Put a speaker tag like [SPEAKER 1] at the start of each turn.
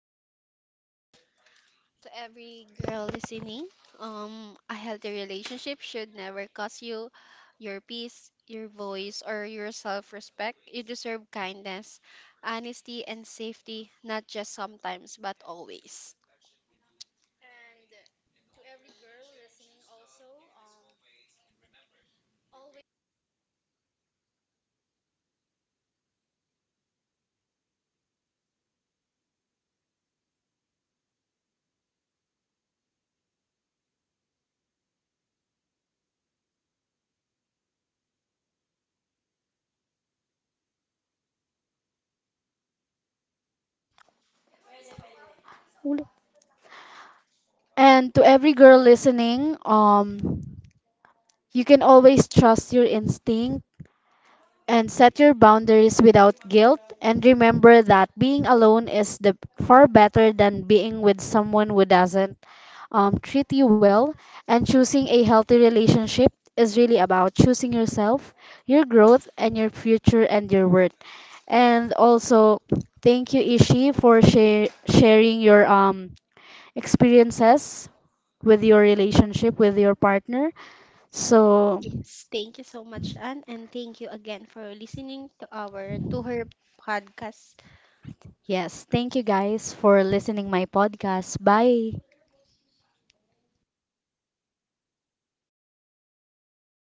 [SPEAKER 1] To every girl listening. A healthy relationship should never cost you your peace, your voice, or your self respect. You deserve kindness, honesty, and safety, not just sometimes, but always.
[SPEAKER 2] And to every girl listening, you can always trust your instinct and set your boundaries without guilt. And remember that being alone is the far better than being with someone who doesn't treat you well. And choosing a healthy relationship is really about choosing yourself, your growth, and your future and your worth. And also, thank you, Ishi, for share sharing your experiences with your relationship with your partner. So,
[SPEAKER 1] Yes, thank you so much, Anne, and thank you again for listening to our to her podcast.
[SPEAKER 2] yes, thank you guys for listening my podcast. Bye.